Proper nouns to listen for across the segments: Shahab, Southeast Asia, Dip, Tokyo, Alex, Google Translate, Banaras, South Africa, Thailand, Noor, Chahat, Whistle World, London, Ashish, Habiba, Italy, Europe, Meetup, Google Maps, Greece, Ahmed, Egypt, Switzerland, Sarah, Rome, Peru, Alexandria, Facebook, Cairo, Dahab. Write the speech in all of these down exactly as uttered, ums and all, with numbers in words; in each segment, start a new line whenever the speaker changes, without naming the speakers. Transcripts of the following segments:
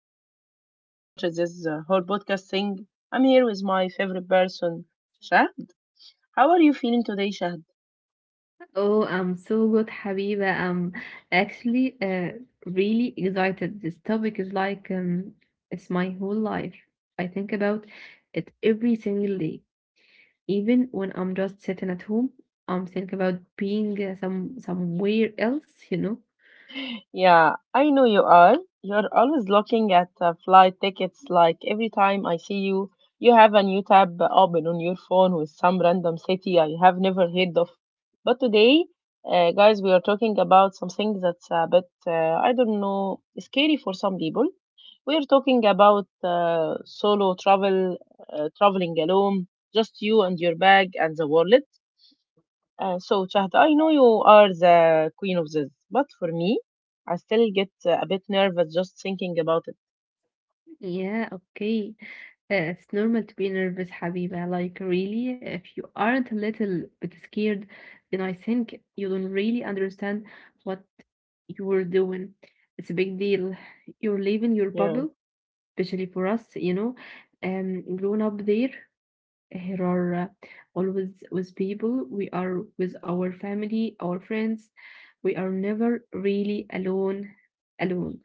since we started this uh, whole podcast thing. I'm here with my favorite person, Shahd. How are you feeling today, Shahd?
Oh, I'm so good, Habiba. I'm actually uh, really excited. This topic is like um, it's my whole life. I think about it every single day. Even when I'm just sitting at home, I'm thinking about being uh, some somewhere else, you know.
Yeah, I know you are. You're always looking at uh, flight tickets. Like every time I see you, you have a new tab open on your phone with some random city I have never heard of. But today, uh, guys, we are talking about something that's a bit, uh, I don't know, scary for some people. We are talking about uh, solo travel, uh, traveling alone, just you and your bag and the wallet. Uh, so, Chahat, I know you are the queen of this, but for me, I still get uh, a bit nervous just thinking about it.
Yeah, okay. Uh, it's normal to be nervous, Habiba. Like, really, if you aren't a little bit scared, then I think you don't really understand what you're doing. It's a big deal. You're leaving your
Yeah,
bubble, especially for us, you know. Um, growing up there, here are uh, always with people. We are with our family, our friends. We are never really alone, alone.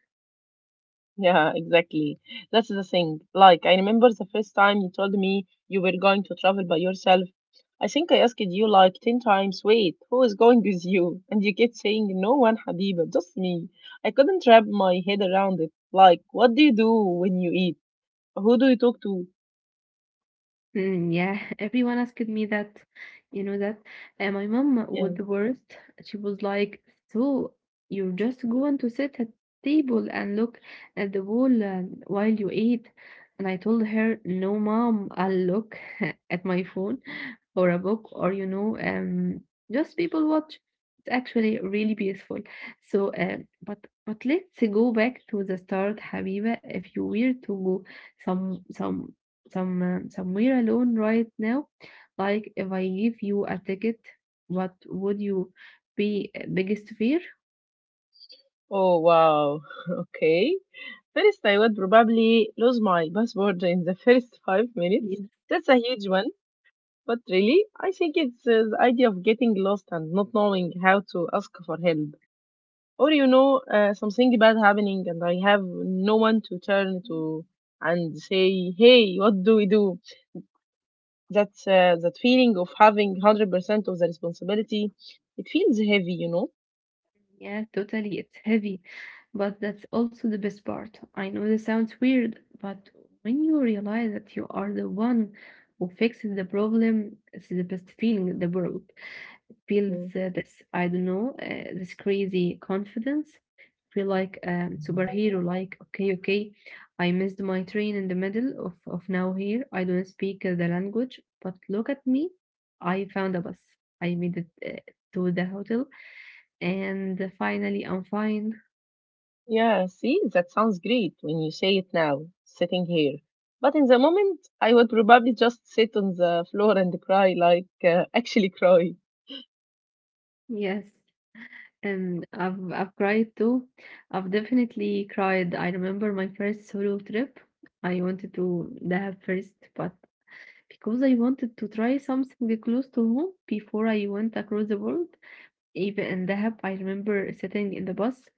yeah, exactly. That's the thing. Like, I remember the first time you told me you were going to travel by yourself. I think I asked you like ten times, wait, who is going with you? And you kept saying, no one, Habiba, just me. I couldn't wrap my head around it. Like, what do you do when you eat? Who do you talk to?
Mm, yeah, everyone asked me that, you know that. And my mom was
Yeah.
the worst. She was like, "So you're just going to sit at table and look at the wall uh, while you eat?" And I told her, "No, mom, I'll look at my phone or a book or you know, um, just people watch. It's actually really beautiful." So, uh, but but let's go back to the start, Habiba. If you were to go some some some um, somewhere alone right now. Like if I give you a ticket, what would you be uh, biggest fear?
Oh wow. Okay. First, I would probably lose my passport in the first five minutes.
Yes.
That's a huge one. But really, I think it's uh, the idea of getting lost and not knowing how to ask for help. Or, you know, uh, something bad happening and I have no one to turn to and say, hey, what do we do? That, uh, that feeling of having one hundred percent of the responsibility, it feels heavy, you know?
Yeah, totally. It's heavy, but that's also the best part. I know this sounds weird, but when you realize that you are the one who fixes the problem, it's the best feeling in the world. Feels
Hmm.
uh, this I don't know uh, this crazy confidence. Feel like a superhero. Like okay, okay, I missed my train in the middle of of now here. I don't speak uh, the language, but look at me. I found a bus. I made it uh, to the hotel, and finally I'm fine.
Yeah, see, that sounds great when you say it now, sitting here. But in the moment, I would probably just sit on the floor and cry, like uh, actually cry.
Yes. And I've I've cried too. I've definitely cried. I remember my first solo trip. I wanted to the first, but because I wanted to try something close to home before I went across the world. Even in Dahab, I remember sitting in the bus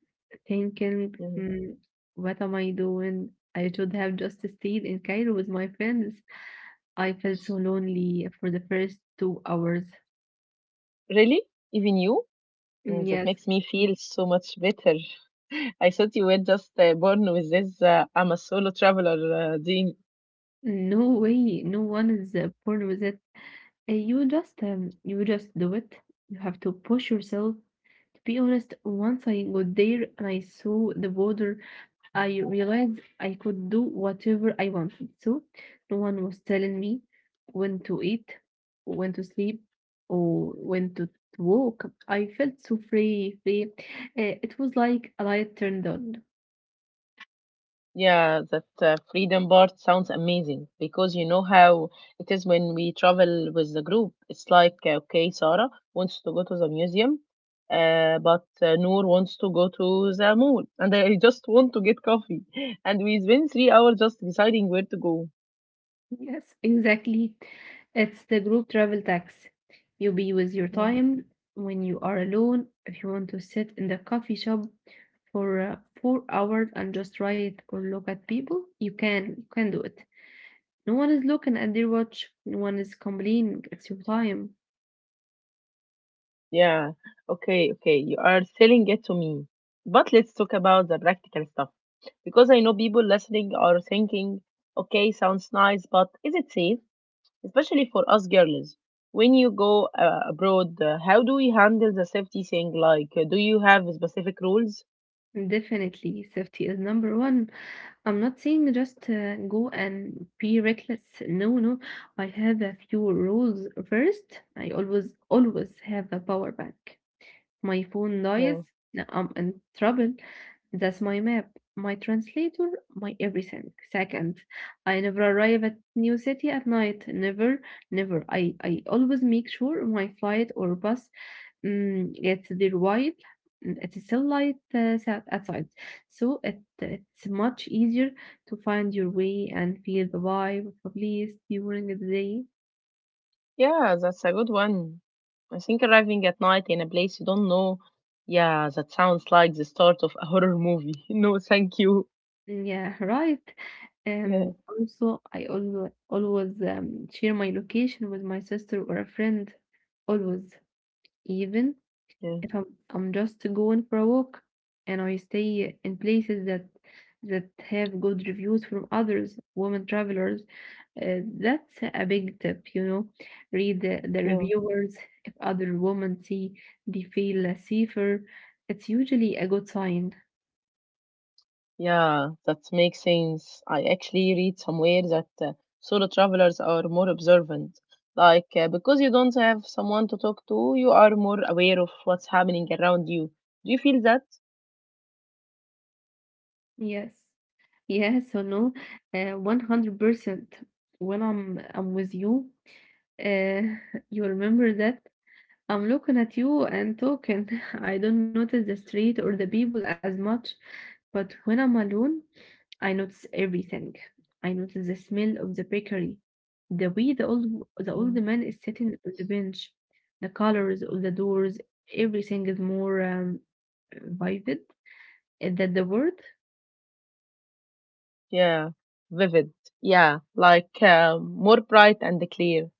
thinking,
Yeah.
"Hmm, what am I doing? I should have just stayed in Cairo with my friends. I felt so lonely for the first two hours.
Really? Even you?
Mm,
Mm, that
Yes,
makes me feel so much better. I thought you were just uh, born with this uh, I'm a solo traveler uh, gene.
no way, no one is uh, born with it. Uh, You just, um, you just do it. You have to push yourself. To be honest, once I got there and I saw the border I realized I could do whatever I wanted to. No one was telling me when to eat, when to sleep, or when to walk. I felt so free, free. Uh, it was like a light turned on.
Yeah, that uh, freedom part sounds amazing because you know how it is when we travel with the group. It's like, uh, okay, Sarah wants to go to the museum, uh, but uh, Noor wants to go to the mall, and I just want to get coffee. And we spend three hours just deciding where to go.
Yes, exactly. It's the group travel tax. You be with your
Yeah.
time when you are alone. If you want to sit in the coffee shop for uh, four hours and just write or look at people, you can. You can do it. No one is looking at their watch. No one is complaining. It's your time.
Yeah, okay, okay, you are selling it to me. But let's talk about the practical stuff because I know people listening are thinking, okay, sounds nice, but is it safe? Especially for us girls when you go uh, abroad, uh, how do we handle the safety thing, like uh, do you have specific rules?
Definitely, safety is number one. I'm not saying just uh, go and be reckless. No, no. I have a few rules. First, I always, always have a power bank. My phone dies,
Yeah,
I'm in trouble. That's my map, my translator, my everything. Second, I never arrive at new city at night. Never, never. I, I always make sure my flight or bus Mm, it's the right at a light uh, sat- outside, so it, it's much easier to find your way and feel the vibe of a place during the day.
yeah, that's a good one. I think arriving at night in a place you don't know, yeah, that sounds like the start of a horror movie. No thank you.
Yeah, right.
Yeah,
Um, also, I always always um, share my location with my sister or a friend. Always, even
yeah,
if I'm I'm just going for a walk and I stay in places that that have good reviews from others, women travelers, uh, that's a big tip, you know. Read the, the
yeah.
reviewers. If other women see they feel uh, safer, it's usually a good sign.
Yeah, that makes sense. I actually read somewhere that uh, solo travelers are more observant. Like, uh, because you don't have someone to talk to, you are more aware of what's happening around you. Do you feel that?
Yes. Yes or no? Uh, one hundred percent. When I'm I'm with you, uh, you remember that I'm looking at you and talking. I don't notice the street or the people as much, but when I'm alone, I notice everything. I notice the smell of the bakery, the way the old the old
Mm.
man is sitting on the bench, the colors of the doors. Everything is more um, vivid. Is that the word?
Yeah, vivid. Yeah, like uh, more bright and clear.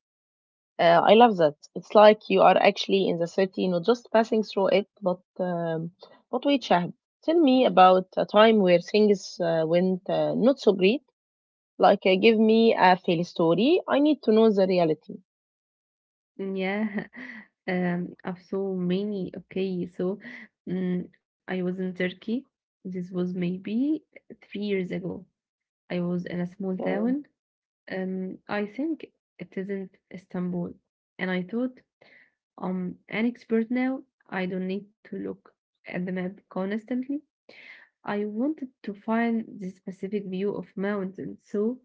Uh, I love that. It's like you are actually in the city, not just passing through it, but um, but wait, Shahab, tell me about a time where things uh, went uh, not so great. Like, uh, give me a fail story. I need to know the reality.
Yeah. Um, I've so many. Okay, so mm I was in Turkey. This was maybe three years ago I was in a small
Yeah.
town. Um, I think it isn't Istanbul. And I thought, I'm an expert now. I don't need to look at the map constantly. I wanted to find the specific view of mountains. So,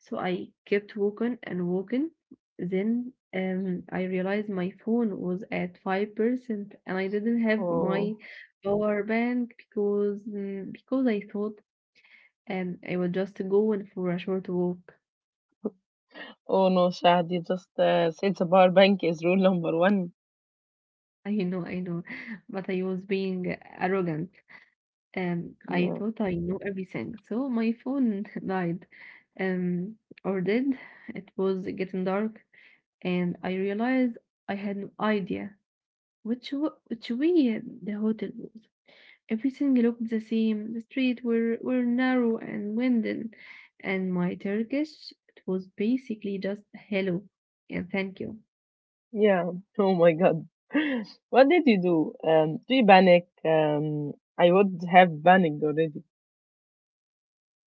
so I kept walking and walking. Then um, I realized my phone was at five percent and I didn't have my
Oh,
power bank because mm, because I thought um, I was just going for a short walk.
oh no, Shahd, you just uh, said the power bank is rule number one.
I know, I know, but I was being arrogant. Um, I
Yeah.
thought I knew everything, so my phone died, um, or did. It was getting dark, and I realized I had no idea which w- which way the hotel was. Everything looked the same. The street were were narrow and winding, and my Turkish it was basically just hello and thank you.
Yeah. Oh my God. What did you do? Um, do you panic? Um, I would have panicked already.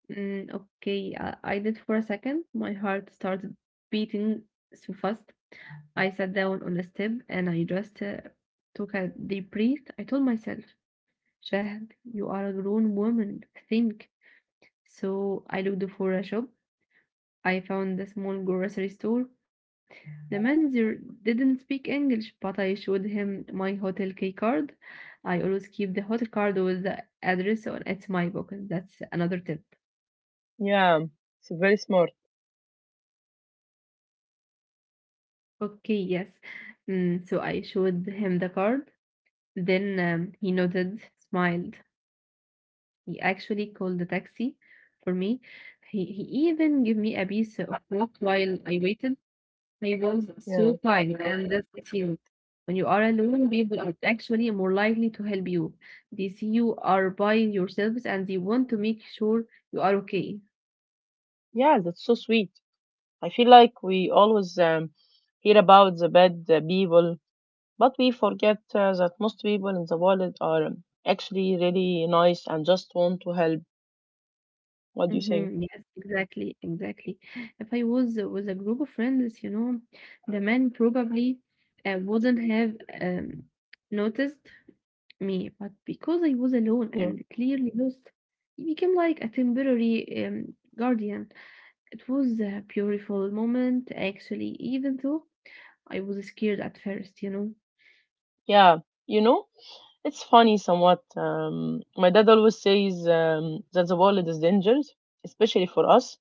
Mm, okay, I, I did for a second. My heart started beating so fast. I sat down on a step and I just uh, took a deep breath. I told myself, Shahd, you are a grown woman. Think. So I looked for a shop. I found a small grocery store. The manager didn't speak English, but I showed him my hotel key card. I always keep the hotel card with the address on it's my book. That's another tip.
Yeah. It's very smart.
Okay, yes. Mm, so I showed him the card. Then um, he nodded, smiled. He actually called the taxi for me. He he even gave me a piece of cloth while I waited. I was so
Yeah.
tired, and that's the thing. When you are alone, people are actually more likely to help you. They see you are by yourselves, and they want to make sure you are okay.
Yeah, that's so sweet. I feel like we always um, hear about the bad uh, people, but we forget uh, that most people in the world are actually really nice and just want to help. What do you think?
Mhm. Yes, exactly, exactly. If I was with a group of friends, you know, the man probably uh, wouldn't have um, noticed me, but because I was alone
Yeah.
and clearly lost, he became like a temporary um, guardian. It was a beautiful moment, actually, even though I was scared at first, you know.
Yeah. You know, it's funny somewhat. Um, my dad always says um, that the world is dangerous, especially for us.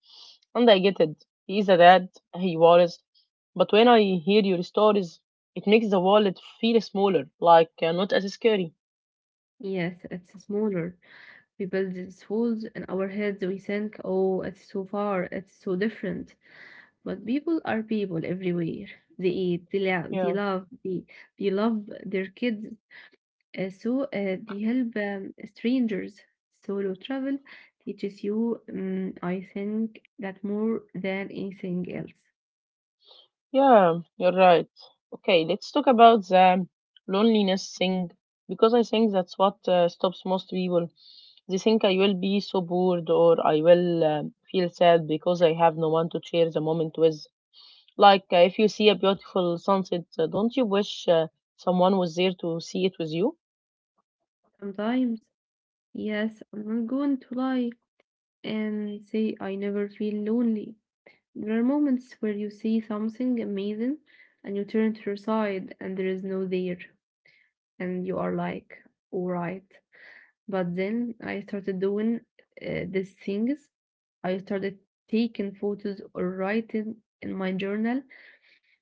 And I get it. He is a dad, he worries. But when I hear your stories, it makes the world feel smaller, like uh, not as scary.
Yes, it's smaller. We build these walls in our heads. We think, oh, it's so far, it's so different. But people are people everywhere. They eat, they, la- they
Yeah.
love, they, they love their kids, uh, so uh, they help um, strangers. Solo travel teaches you, um, I think, that more than anything else.
Yeah, you're right. Okay, let's talk about the loneliness thing because I think that's what uh, stops most people. They think I will be so bored or I will um feel sad because I have no one to share the moment with. Like uh, if you see a beautiful sunset, uh, don't you wish uh, someone was there to see it with you?
Sometimes, yes, I'm not going to lie and say I never feel lonely. There are moments where you see something amazing and you turn to your side and there is no there, and you are like, all right. But then I started doing uh, these things. I started taking photos or writing in my journal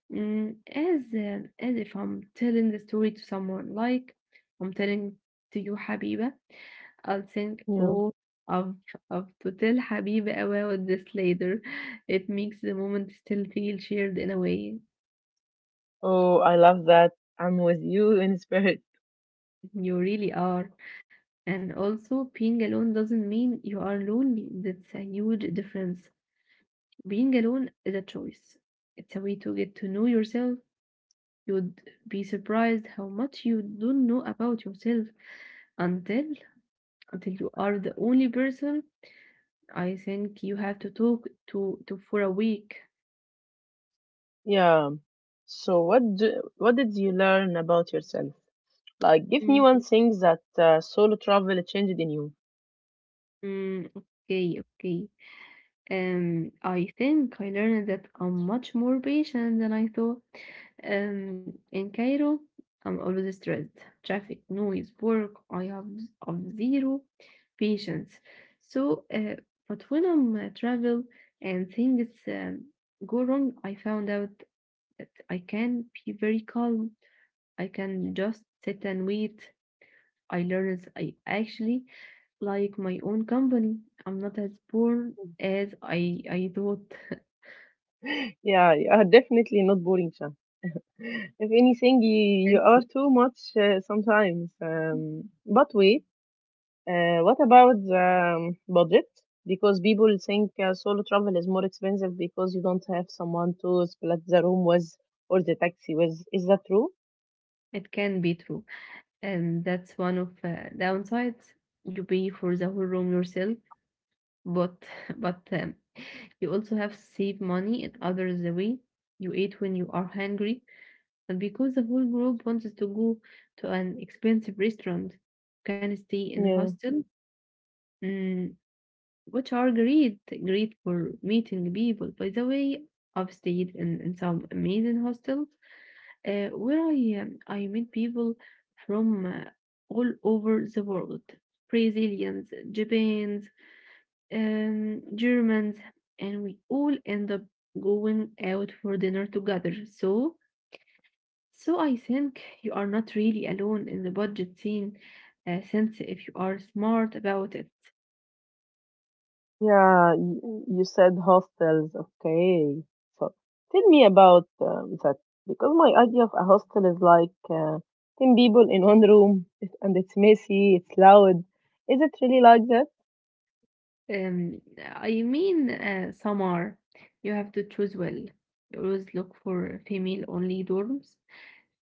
mm, as uh, as if I'm telling the story to someone. Like I'm telling to you, Habiba. I'll think,
Yeah.
oh, I've I've to tell Habiba about this later. It makes the moment still feel shared in a way.
Oh, I love that. I'm with you in spirit.
You really are. And also, being alone doesn't mean you are lonely. That's a huge difference. Being alone is a choice. It's a way to get to know yourself. You'd be surprised how much you don't know about yourself until until you are the only person I think you have to talk to to for a week.
Yeah. So what do, what did you learn about yourself? Like, give me
Mm,
one thing that uh, solo travel changed in you.
mm, okay, okay. Um, I think I learned that I'm much more patient than I thought. Um, in Cairo, I'm always stressed. Traffic, noise, work. I have, z- of zero patience. So, uh, but when I'm uh, travel and things um, go wrong, I found out that I can be very calm. I can just sit and wait. I learned I actually like my own company. I'm not as poor as I I thought.
Yeah, you are definitely not boring, Shah. If anything, you, you are
It
too much uh, sometimes. Um, but wait, uh, what about um, budget? Because people think uh, solo travel is more expensive because you don't have someone to split the room with or the taxi with. Is that true?
it can be true, and that's one of uh, downsides. You pay for the whole room yourself, but but um, you also have save money in others the way. You eat when you are hungry, and because the whole group wants to go to an expensive restaurant, you can stay in a
Yeah.
hostel, mm, which are great great for meeting people. By the way, I've stayed in, in some amazing hostel uh, where I, um, I met people from uh, all over the world Brazilians, Japans, um, Germans, and we all end up going out for dinner together. So, so I think you are not really alone in the budget scene, uh, since if you are smart about it.
Yeah, you, you said hostels. Okay. So tell me about um, that because my idea of a hostel is like uh, ten people in one room it- and it's messy, it's loud. Is it really like that?
Um, I mean, uh, Samar, you have to choose well. You always look for female-only dorms.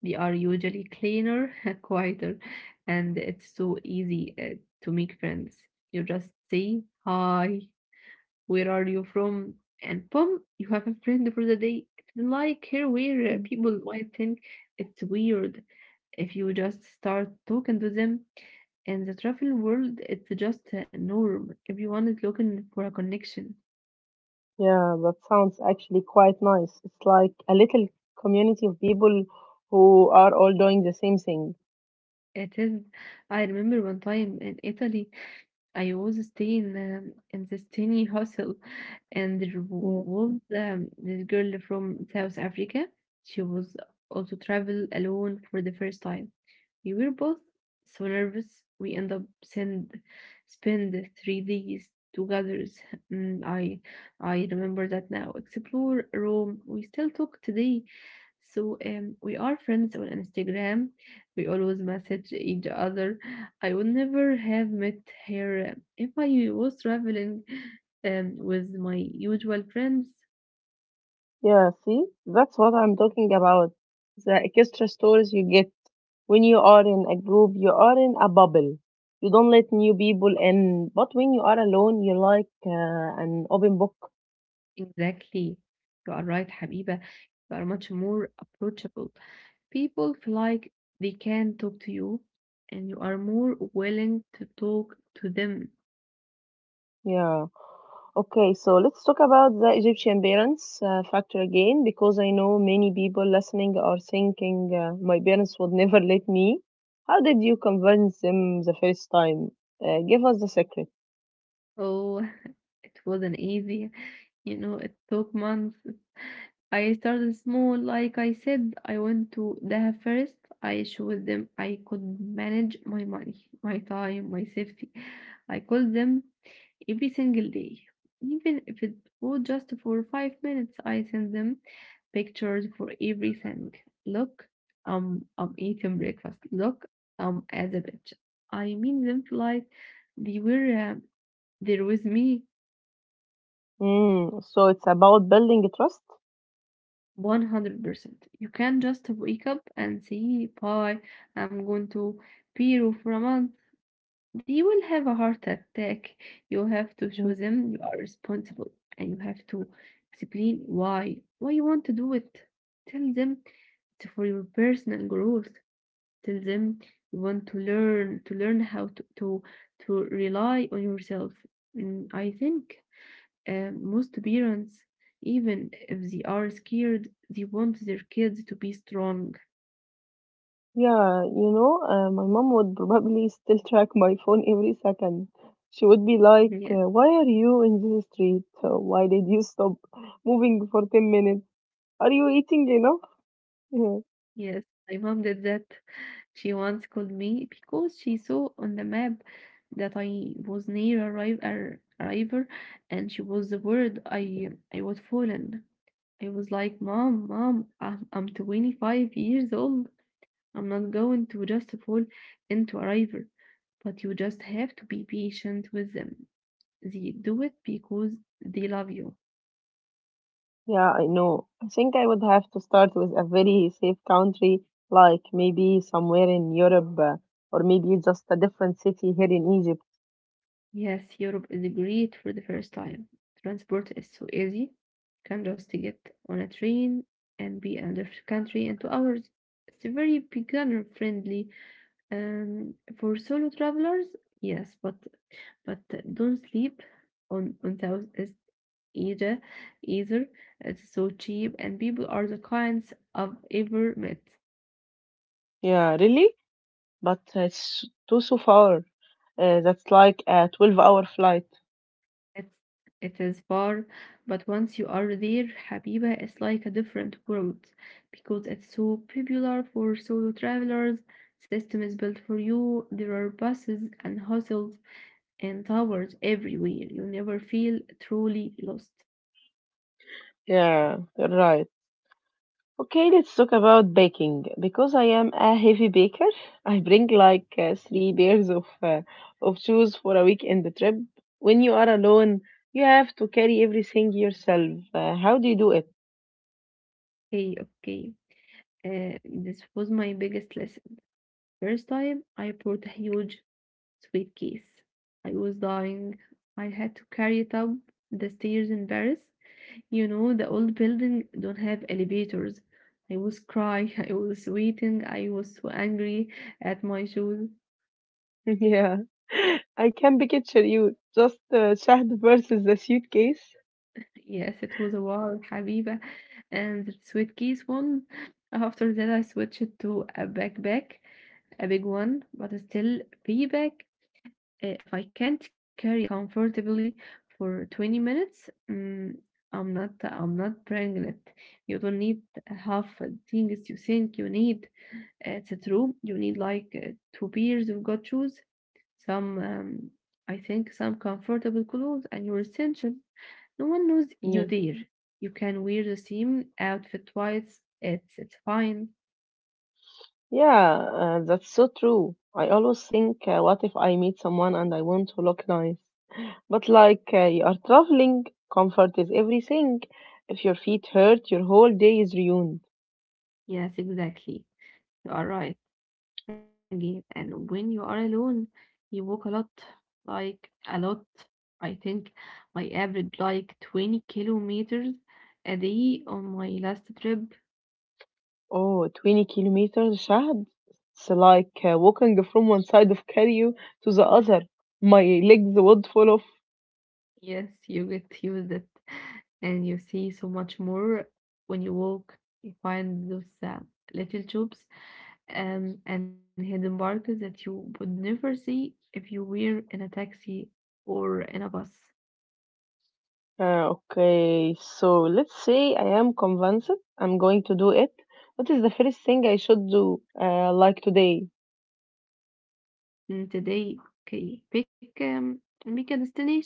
They are usually cleaner, quieter, and it's so easy uh, to make friends. You just say, "Hi, where are you from?" And boom, you have a friend for the day. It's like here where uh,
Mm.
people might think it's weird if you just start talking to them. In the travel world, it's just a norm. Everyone is looking for a connection.
Yeah, that sounds actually quite nice. It's like a little community of people who are all doing the same thing.
It is. I remember one time in Italy, I was staying um, in this tiny hostel, and there w-
Yeah.
was um, this girl from South Africa. She was also travel alone for the first time. We were both so nervous. We end up send spend three days together. Mm, I I remember that now. Explore Rome. We still talk today, so um, we are friends on Instagram, we always message each other. I would never have met her um, if I was traveling um, with my usual friends.
Yeah, see, that's what I'm talking about. The extra stories you get when you are in a group, you are in a bubble. You don't let new people in. But when you are alone, you like uh, an open book.
Exactly. You are right, Habiba. You are much more approachable. People feel like they can talk to you, and you are more willing to talk to them.
Yeah. Okay, so let's talk about the Egyptian parents uh, factor again because I know many people listening are thinking uh, my parents would never let me. How did you convince them the first time? Uh, give us the secret.
Oh, it wasn't easy. You know, it took months. I started small, like I said. I went to Dahab first. I showed them I could manage my money, my time, my safety. I called them every single day. Even if it was just for five minutes, I sent them pictures for everything. Look, um, I'm eating breakfast. Look, I'm at the beach. I mean them like they were uh, there with me
Mm, so it's about building trust.
one hundred percent. You can not just wake up and say, "Bye, I'm going to Peru for a month." They will have a heart attack. You have to
Hmm.
show them you are responsible, and you have to explain why, why you want to do it. Tell them it's for your personal growth. Tell them you want to learn, to learn how to, to, to rely on yourself. And I think Um, most parents, even if they are scared, they want their kids to be strong.
Yeah, you know, uh, my mom would probably still track my phone every second. She would be
Yes,
like, uh, "Why are you in this street? Uh, Why did you stop moving for ten minutes? Are you eating enough?" Yeah.
yes. My mom did that. She once called me because she saw on the map that I was near arrive ar- arrival, and she was the word I I was fallen. I was like, "Mom, Mom, I'm, I'm twenty-five years old. I'm not going to just fall into a river," but you just have to be patient with them. They do it because they love you.
Yeah, I know. I think I would have to start with a very safe country, like maybe somewhere in Europe, uh, or maybe just a different city here in Egypt.
Yes, Europe is great for the first time. Transport is so easy. You can just get on a train and be in the country in two hours. It's very beginner friendly. Um, for solo travelers, yes, but but don't sleep on on Southeast Asia either. It's so cheap, and people are the kinds I've ever met.
Yeah, really? But uh, it's too so far. Uh, that's like a twelve-hour flight.
It's it is far, but once you are there, Habiba, is like a different world because it's so popular for solo travelers. System is built for you. There are buses and hostels and towers everywhere. You never feel truly lost.
Yeah, you're right. Okay, let's talk about baking. Because I am a heavy baker, I bring like uh, three pairs of uh, of shoes for a weekend trip. When you are alone, you have to carry everything yourself. Uh, how do you do it?
Okay, okay. Uh, this was my biggest lesson. First time, I brought a huge suitcase. I was dying. I had to carry it up the stairs in Paris. You know, the old building don't have elevators. I was crying, I was waiting, I was so angry at my shoes.
Yeah, I can picture you just uh, child versus the suitcase.
Yes, it was a wow, Habiba. And the suitcase one. After that, I switched to a backpack, a big one, but still be back. Uh, If I can't carry it comfortably for twenty minutes, mm, I'm not, I'm not bringing it. You don't need half the things you think you need. It's true. You need like uh, two pairs of good shoes, some, um, I think, some comfortable clothes, and your essential. No one knows
Yeah,
you there. You can wear the same outfit twice. It's it's fine.
yeah, uh, that's so true. I always think, uh, what if I meet someone and I want to look nice? But like uh, you are traveling, comfort is everything. If your feet hurt, your whole day is ruined.
Yes, exactly. You are right again. And when you are alone, you walk a lot, like a lot. I think I average like twenty kilometers a day on my last trip.
Oh, twenty kilometers, Shahad. It's like uh, walking from one side of Cairo to the other. My legs would fall off.
Yes, you get used it, and you see so much more when you walk. You find those uh, little tubes, um, and hidden markets that you would never see if you were in a taxi or in a bus.
Uh, okay, so let's say I am convinced I'm going to do it. What is the first thing I should do, uh, like today?
And today, okay, pick um, pick a destination,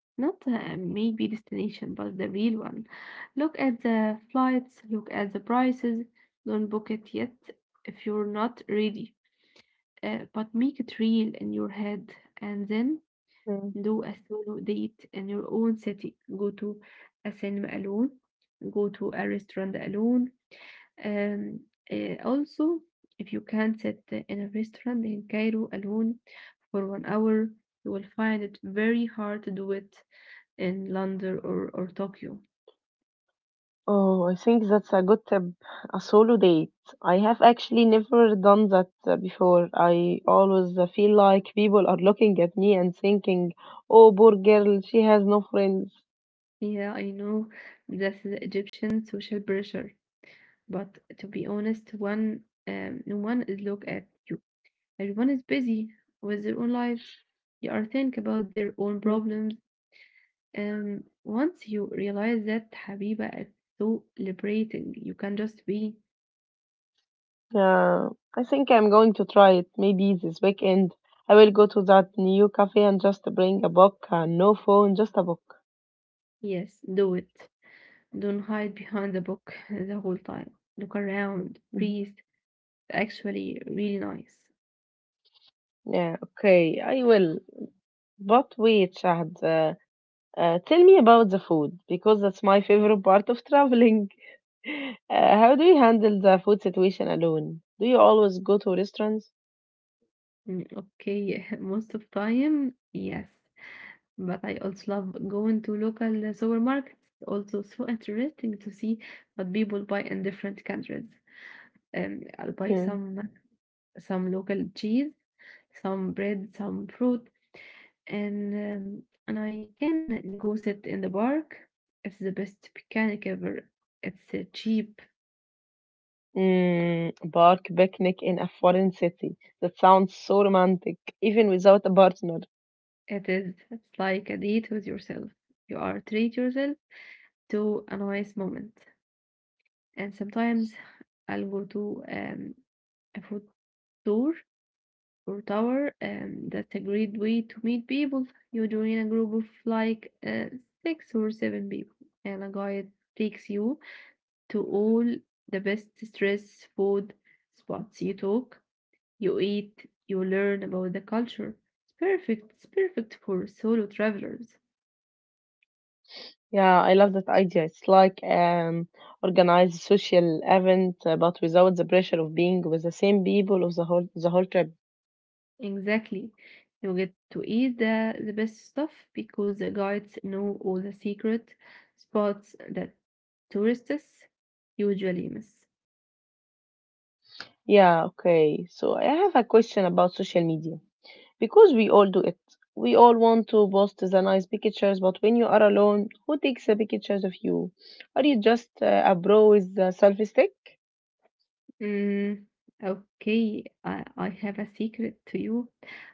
not a maybe destination, but the real one. Look at the flights, look at the prices. Don't book it yet if you're not ready. uh, but make it real in your head, and then
Hmm.
do a solo date in your own city. Go to a cinema alone, go to a restaurant alone. Um, uh, also, if you can't sit in a restaurant in Cairo alone for one hour, you will find it very hard to do it in London or, or Tokyo.
Oh, I think that's a good tip. A solo date. I have actually never done that uh, before. I always uh, feel like people are looking at me and thinking, oh, poor girl, she has no friends.
Yeah, I know that's the Egyptian social pressure, but to be honest, one um, one is look at. Everyone is busy with their own lives. They are think about their own
Mm.
problems. And once you realize that, Habiba, it's so liberating. You can just be.
Yeah, I think I'm going to try it. Maybe this weekend I will go to that new cafe and just bring a book, uh, no phone, just a book.
Yes, do it. Don't hide behind the book the whole time. Look around,
Mhm.
breathe. Actually really nice.
Yeah, okay, I will. But wait, Shahad, uh, uh, tell me about the food because that's my favorite part of traveling. Uh, how do you handle the food situation alone? Do you always go to restaurants?
Mm, Okay, most of time, yes. But I also love going to local supermarkets. Also, so interesting to see what people buy in different countries. And I'll buy
Yeah.
some some local cheese, some bread, some fruit, and um, and I can go sit in the park. It's the best picnic ever. It's uh, cheap.
Mm, park picnic in a foreign city. That sounds so romantic, even without a partner.
It is. It's like a date with yourself. You are treat yourself to a nice moment. And sometimes I'll go to um, a food tour or tower, and that's a great way to meet people. You join a group of like uh, six or seven people, and a guide takes you to all the best stress food spots. You talk, you eat, you learn about the culture. It's perfect. It's perfect for solo travelers.
Yeah, I love that idea. It's like um organized social event, uh, but without the pressure of being with the same people of the whole the whole trip.
Exactly. You get to eat the, the best stuff because the guides know all the secret spots that tourists usually miss.
Yeah, okay. So I have a question about social media. Because we all do it. We all want to post the nice pictures, but when you are alone, who takes the pictures of you? Are you just uh, a bro with a selfie stick?
Mm, okay, I, I have a secret to you.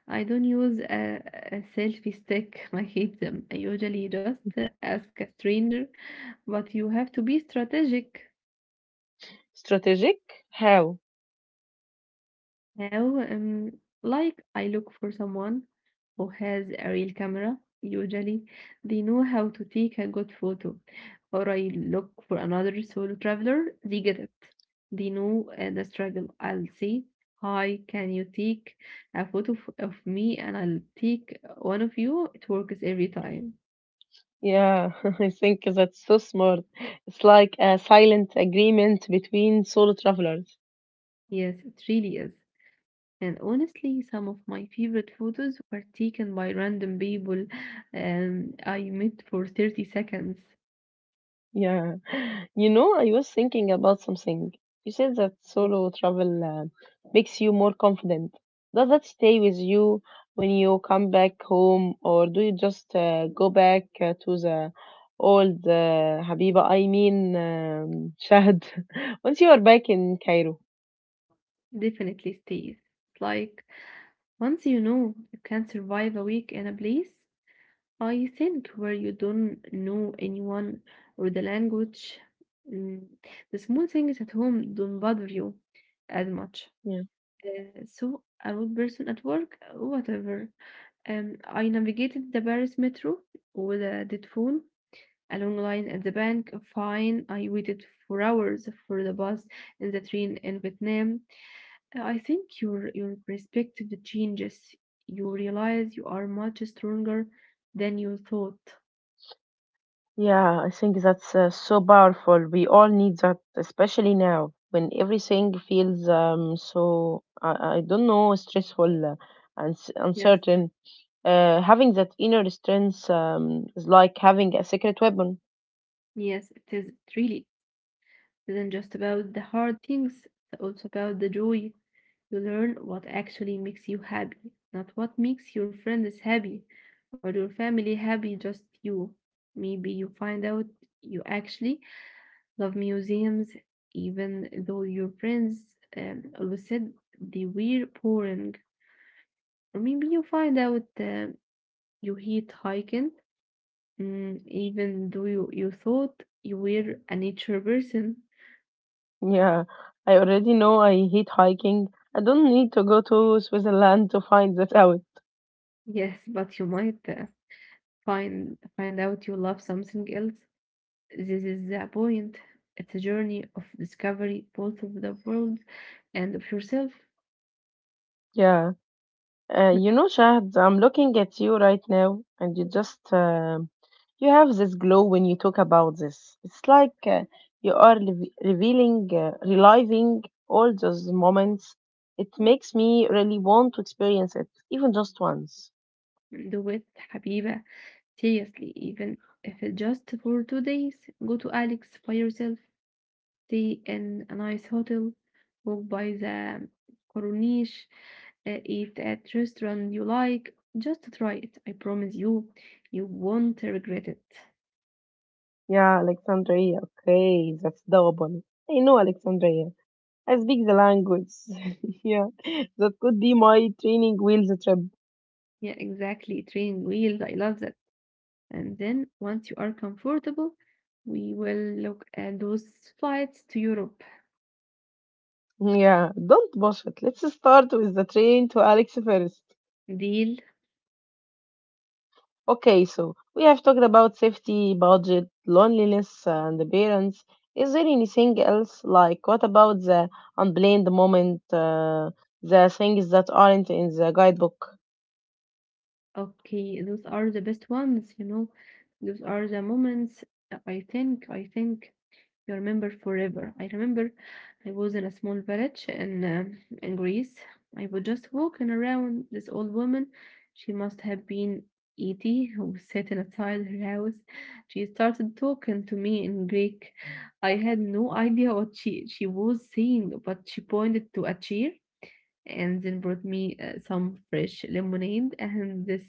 I don't use a, a selfie stick. I hate them. I usually just uh, ask a stranger, but you have to be strategic.
Strategic? How?
Now, um, like I look for someone who has a real camera. Usually, they know how to take a good photo. Or I look for another solo traveler. They get it. They know uh, the struggle. I'll say, "Hi, can you take a photo f- of me?" And I'll take one of you. It works every time.
Yeah, I think that's so smart. It's like a silent agreement between solo travelers.
Yes, it really is. And honestly, some of my favorite photos were taken by random people um, I met for thirty seconds.
Yeah. You know, I was thinking about something. You said that solo travel uh, makes you more confident. Does that stay with you when you come back home, or do you just uh, go back uh, to the old uh, Habiba, I mean, um, Shahd, once you are back in Cairo?
Definitely stays. Like once you know you can survive a week in a place, I think, where you don't know anyone or the language, mm, the small things at home don't bother you as much. Uh, so a rude person at work, whatever. Um, I navigated the Paris metro with a dead phone, a long line at the bank. Fine, I waited for hours for the bus and the train in Vietnam. uh, I think your your perspective changes. You realize you are much stronger than you thought.
Yeah, I think that's uh, so powerful. We all need that, especially now when everything feels um, so, I, I don't know, stressful uh, and s-
Yes,
uncertain. Uh, having that inner strength um, is like having a secret weapon.
yes, it is, it really isn't just about the hard things, it's also about the joy. You learn what actually makes you happy, not what makes your friends happy or your family happy, just you. Maybe you find out you actually love museums, even though your friends um, always said they were boring. Or maybe you find out uh, you hate hiking, mm, even though you, you thought you were a nature person.
Yeah, I already know I hate hiking. I don't need to go to Switzerland to find that out.
Yes, but you might uh, find find out you love something else. This is the point. It's a journey of discovery, both of the world and of yourself.
Yeah. Uh, you know, Shahd, I'm looking at you right now, and you just uh, you have this glow when you talk about this. It's like uh, you are re- revealing, uh, reliving all those moments. It makes me really want to experience it, even just once.
Do it, Habiba. Seriously, even if it's just for two days, go to Alex by yourself. Stay in a nice hotel, walk by the corniche, uh, eat at restaurant you like. Just try it. I promise you, you won't regret it.
Yeah, Alexandria. Okay, that's doable. I know Alexandria. I speak the language. Yeah, that could be my training wheels trip.
Yeah, exactly. Training wheels. I love that. And then once you are comfortable, we will look at those flights to Europe.
Yeah, don't bullshit. Let's start with the train to Alex first.
Deal.
Okay, so we have talked about safety, budget, loneliness, and the parents. Is there anything else? Like, what about the unplanned moment, uh, the things that aren't in the guidebook?
Okay, those are the best ones, you know. Those are the moments. I think, I think you remember forever. I remember I was in a small village in um in Greece. I was just walking around this old woman. She must have been eighty who sat inside her house. She started talking to me in Greek. I had no idea what she she was saying, but she pointed to a chair and then brought me uh, some fresh lemonade and this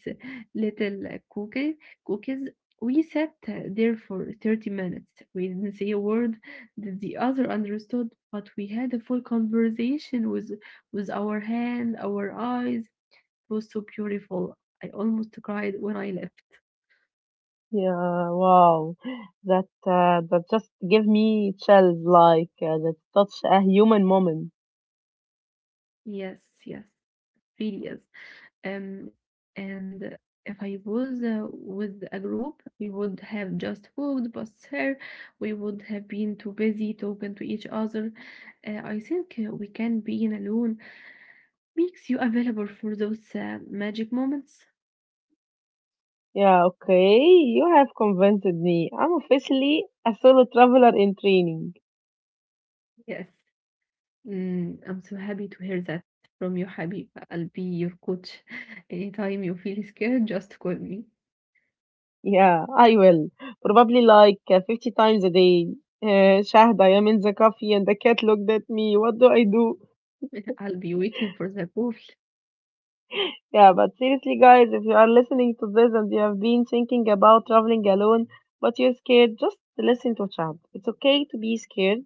little uh, cookie cookies. We sat uh, there for thirty minutes. We didn't say a word that the other understood, but we had a full conversation with with our hand, our eyes. It was so beautiful. I almost cried when I left.
Yeah, wow, that uh, that just gave me chills. Like, uh, that's such a human moment.
Yes, yes, really is. Um, and if I was uh, with a group, we would have just walked past her. We would have been too busy talking to each other. Uh, I think uh, we can being alone makes you available for those uh, magic moments.
Yeah, okay, you have convinced me. I'm officially a solo traveler in training.
Yes, mm, I'm so happy to hear that from you, Habib. I'll be your coach. Anytime you feel scared, just call me.
Yeah, I will. Probably like uh, fifty times a day. Uh, Shahd, I am in the coffee and the cat looked at me. What do I do?
I'll be waiting for the call.
Yeah, but seriously, guys, if you are listening to this and you have been thinking about traveling alone, but you're scared, just listen to Shahd. It's okay to be scared.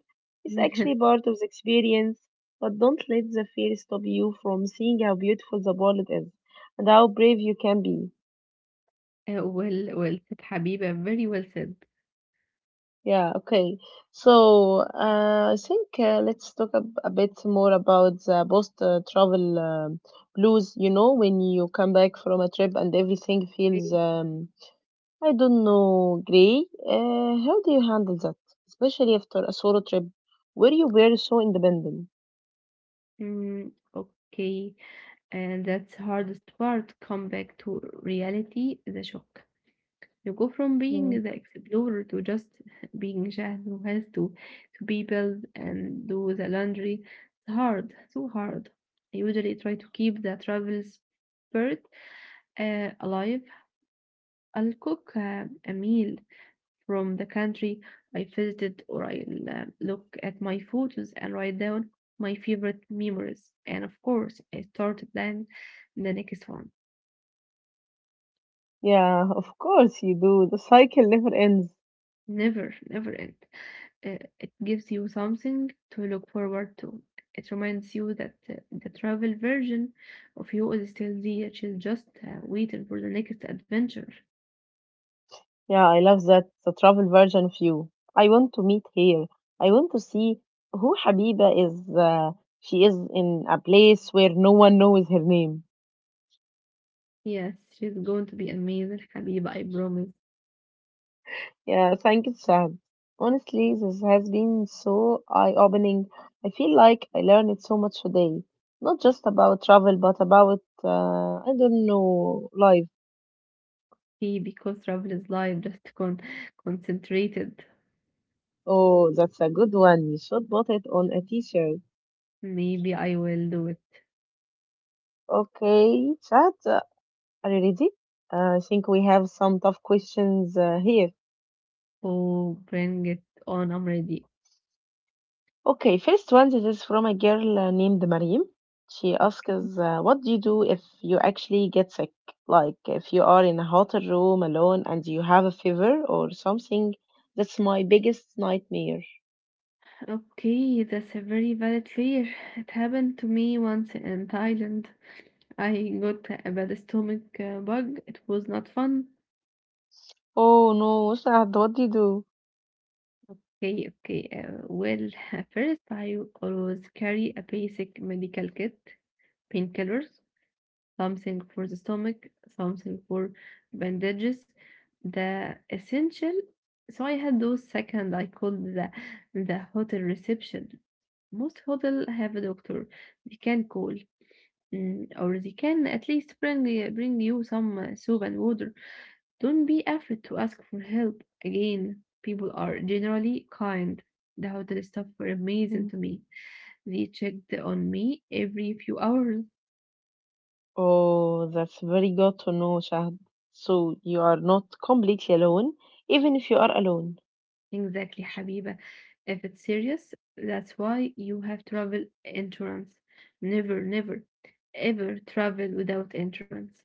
It's actually part of the experience, but don't let the fear stop you from seeing how beautiful the world is and how brave you can be.
Uh, well, well said, Habib. Very well said.
Yeah, okay. So uh, I think uh, let's talk a, a bit more about the post uh, travel um blues. You know, when you come back from a trip and everything feels, um, I don't know, gray. Uh, how do you handle that? Especially after a solo trip where you were so independent.
Mm, okay. And that's hardest part. Come back to reality, the shock. You go from being
Yeah,
the explorer to just being Shahd who has to, to be built and do the laundry. It's hard, so hard. I usually try to keep the travel spirit uh, alive. I'll cook uh, a meal, from the country I visited, or I'll uh, look at my photos and write down my favorite memories. And of course, I started then the next one.
yeah, of course you do. The cycle never ends.
Never, never end. Uh, it gives you something to look forward to. It reminds you that uh, the travel version of you is still there. She's just uh, waiting for the next adventure.
Yeah, I love that. The travel version of you. I want to meet her. I want to see who Habiba is. Uh, she is in a place where no one knows her name.
Yes, she's going to be amazing, Habiba, I promise.
Yeah, thank you, Sad. Honestly, this has been so eye-opening. I feel like I learned so much today. Not just about travel, but about, uh, I don't know, life.
See, because travel is life, just con- concentrated.
Oh, that's a good one. You should put it on a t-shirt.
Maybe I will do it.
Okay, Chad, already, uh, I think we have some tough questions uh, here.
Oh, bring it on, I'm ready.
Okay, first one, this is from a girl uh, named Mariam. She asks, uh, "What do you do if you actually get sick? Like if you are in a hotel room alone and you have a fever or something? That's my biggest nightmare."
Okay, that's a very valid fear. It happened to me once in Thailand. I got a bad stomach uh, bug. It was not fun.
Oh no, Shahd, what do you do?
Okay, okay. Uh, well, first I always carry a basic medical kit, painkillers, something for the stomach, something for bandages, the essential. So I had those second. I called the the hotel reception. Most hotel have a doctor. They can call, mm, or they can at least bring uh, bring you some uh, soap and water. Don't be afraid to ask for help. Again, people are generally kind. The hotel staff were amazing
Mm.
to me. They checked on me every few hours.
Oh, that's very good to know, Shahd. So you are not completely alone, even if you are alone.
Exactly, Habiba. If it's serious, that's why you have travel insurance. Never, never, ever travel without insurance.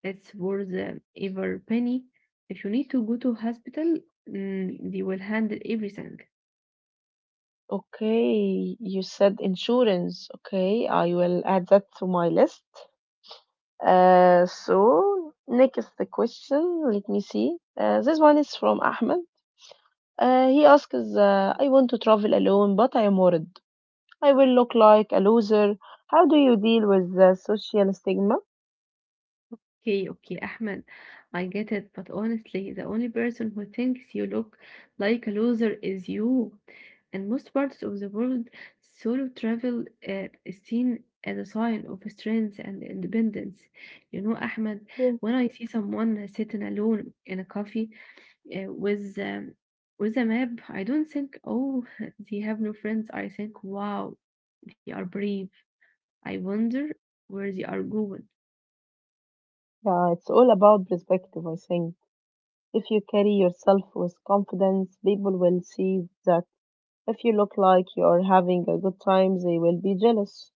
It's worth uh, every penny. If you need to go to hospital, mm, they will handle everything.
Okay, you said insurance. Okay, I will add that to my list. Uh, so next the question, let me see. Uh, this one is from Ahmed. Uh, he asks, uh, I want to travel alone, but I am worried. I will look like a loser. How do you deal with the social stigma?
Okay, okay, Ahmed, I get it, but honestly, the only person who thinks you look like a loser is you. In most parts of the world, solo travel uh, is seen as a sign of strength and independence. You know, Ahmed,
Hmm.
when I see someone sitting alone in a coffee uh, with um, with a map, I don't think, oh, they have no friends. I think, wow, they are brave. I wonder where they are going.
Yeah, it's all about perspective, I think. If you carry yourself with confidence, people will see that. If you look like you are having a good time, they will be jealous.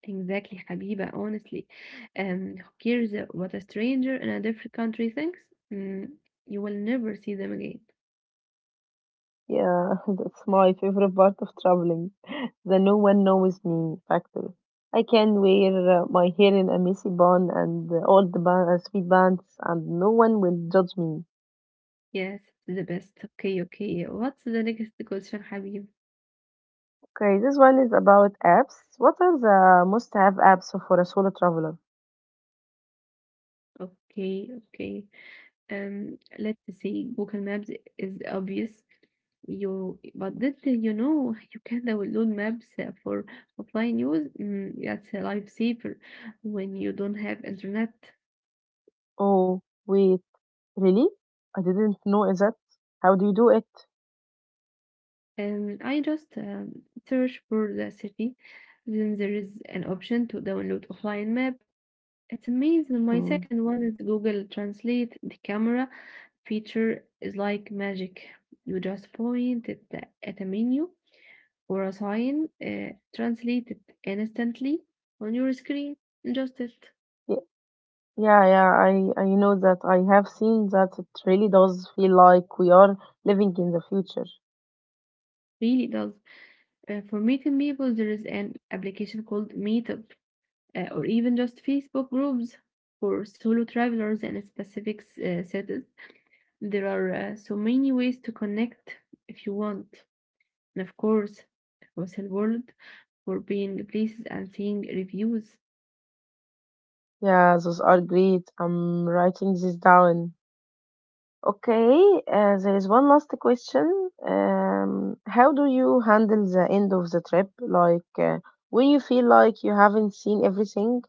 Exactly, Habiba, honestly. Um, who cares what a stranger in a different country thinks? Mm, you will never see them again.
Yeah, that's my favorite part of traveling. The no one knows me factor. I can wear uh, my hair in a messy bun and uh, all the bun, uh, sweet bands, and no one will judge me.
Yes, the best. Okay, okay. What's the next question, Habib?
Okay, this one is about apps. What are the must-have apps for a solo traveler?
Okay, okay. Um, let's see. Google Maps is obvious. You, but did you know you can download maps uh, for offline use? Mm, that's a lifesaver when you don't have internet.
Oh, wait, really? I didn't know that. How do you do it?
Um, I just um, search for the city. Then there is an option to download offline map. It's amazing. My
Mm.
second one is Google Translate. The camera feature is like magic. You just point at, the, at a menu or a sign, uh, translate it instantly on your screen. Just it
Ye- Yeah, yeah, I, I know that. I have seen that it really does feel like we are living in the future.
really does. Uh, for meeting people, there is an application called Meetup. Uh, or even just Facebook groups for solo travelers in specific uh, cities. There are uh, so many ways to connect if you want. And of course, Whistle World for being places and seeing reviews.
Yeah, those are great. I'm writing this down. Okay, uh, there is one last question. Um, how do you handle the end of the trip? Like uh, when you feel like you haven't seen everything?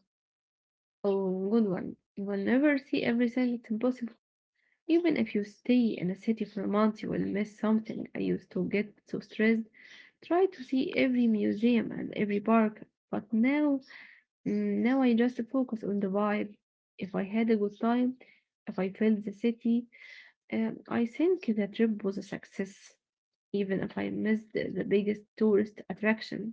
Oh, good one. You will never see everything, it's impossible. Even if you stay in a city for a month, you will miss something. I used to get so stressed. Try to see every museum and every park, but now Mm, Now I just focus on the vibe. If I had a good time, if I felt the city, um, I think the trip was a success, even if I missed the the biggest tourist attraction.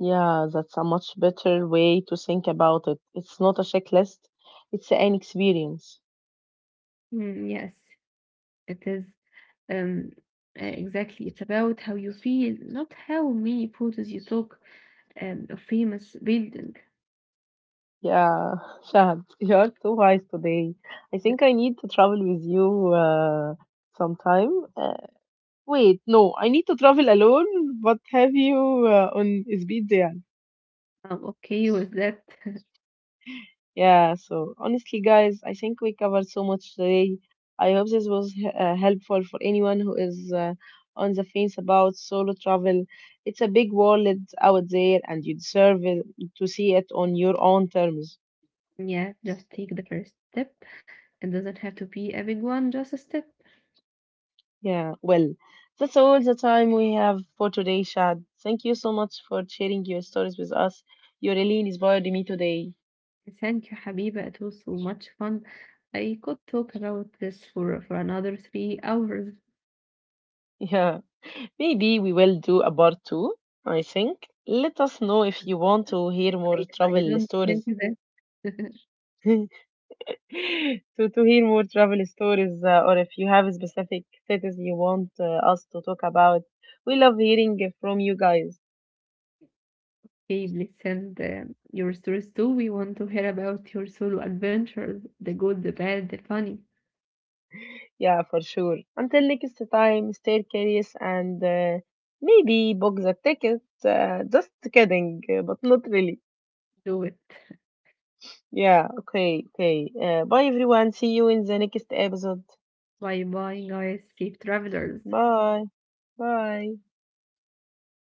Yeah, that's a much better way to think about it. It's not a checklist, it's an experience.
Mm, yes, it is. Um, uh, exactly. It's about how you feel, not how many photos you took um, of famous building.
Yeah, Shad, you are too wise today. I think I need to travel with you uh, sometime. Uh, Wait, no, I need to travel alone. What have you uh, on speed there?
I'm okay with that.
Yeah, so honestly, guys, I think we covered so much today. I hope this was h- uh, helpful for anyone who is uh, on the fence about solo travel. It's a big world out there, and you deserve it, to see it on your own terms.
Yeah, just take the first step. It doesn't have to be a big one, just a step.
Yeah, well, that's all the time we have for today, Shad. Thank you so much for sharing your stories with us. Your really inspired me today.
Thank you, Habiba. It was so much fun. I could talk about this for, for another three hours.
Yeah. Maybe we will do a part two, I think. Let us know if you want to hear
I,
more
I
travel
don't think
stories.
that.
to, to hear more travel stories, uh, or if you have specific cities you want uh, us to talk about. We love hearing from you guys.
Okay, please send um, your stories too. We want to hear about your solo adventures, the good, the bad, the funny.
Yeah, for sure. Until next time, stay curious and uh, maybe book the ticket. Uh, just kidding, uh, but not really.
Do it.
Yeah, okay, okay. Uh, bye everyone. See you in the next episode.
Bye bye, guys. Safe travelers.
Bye. Bye.
Bye.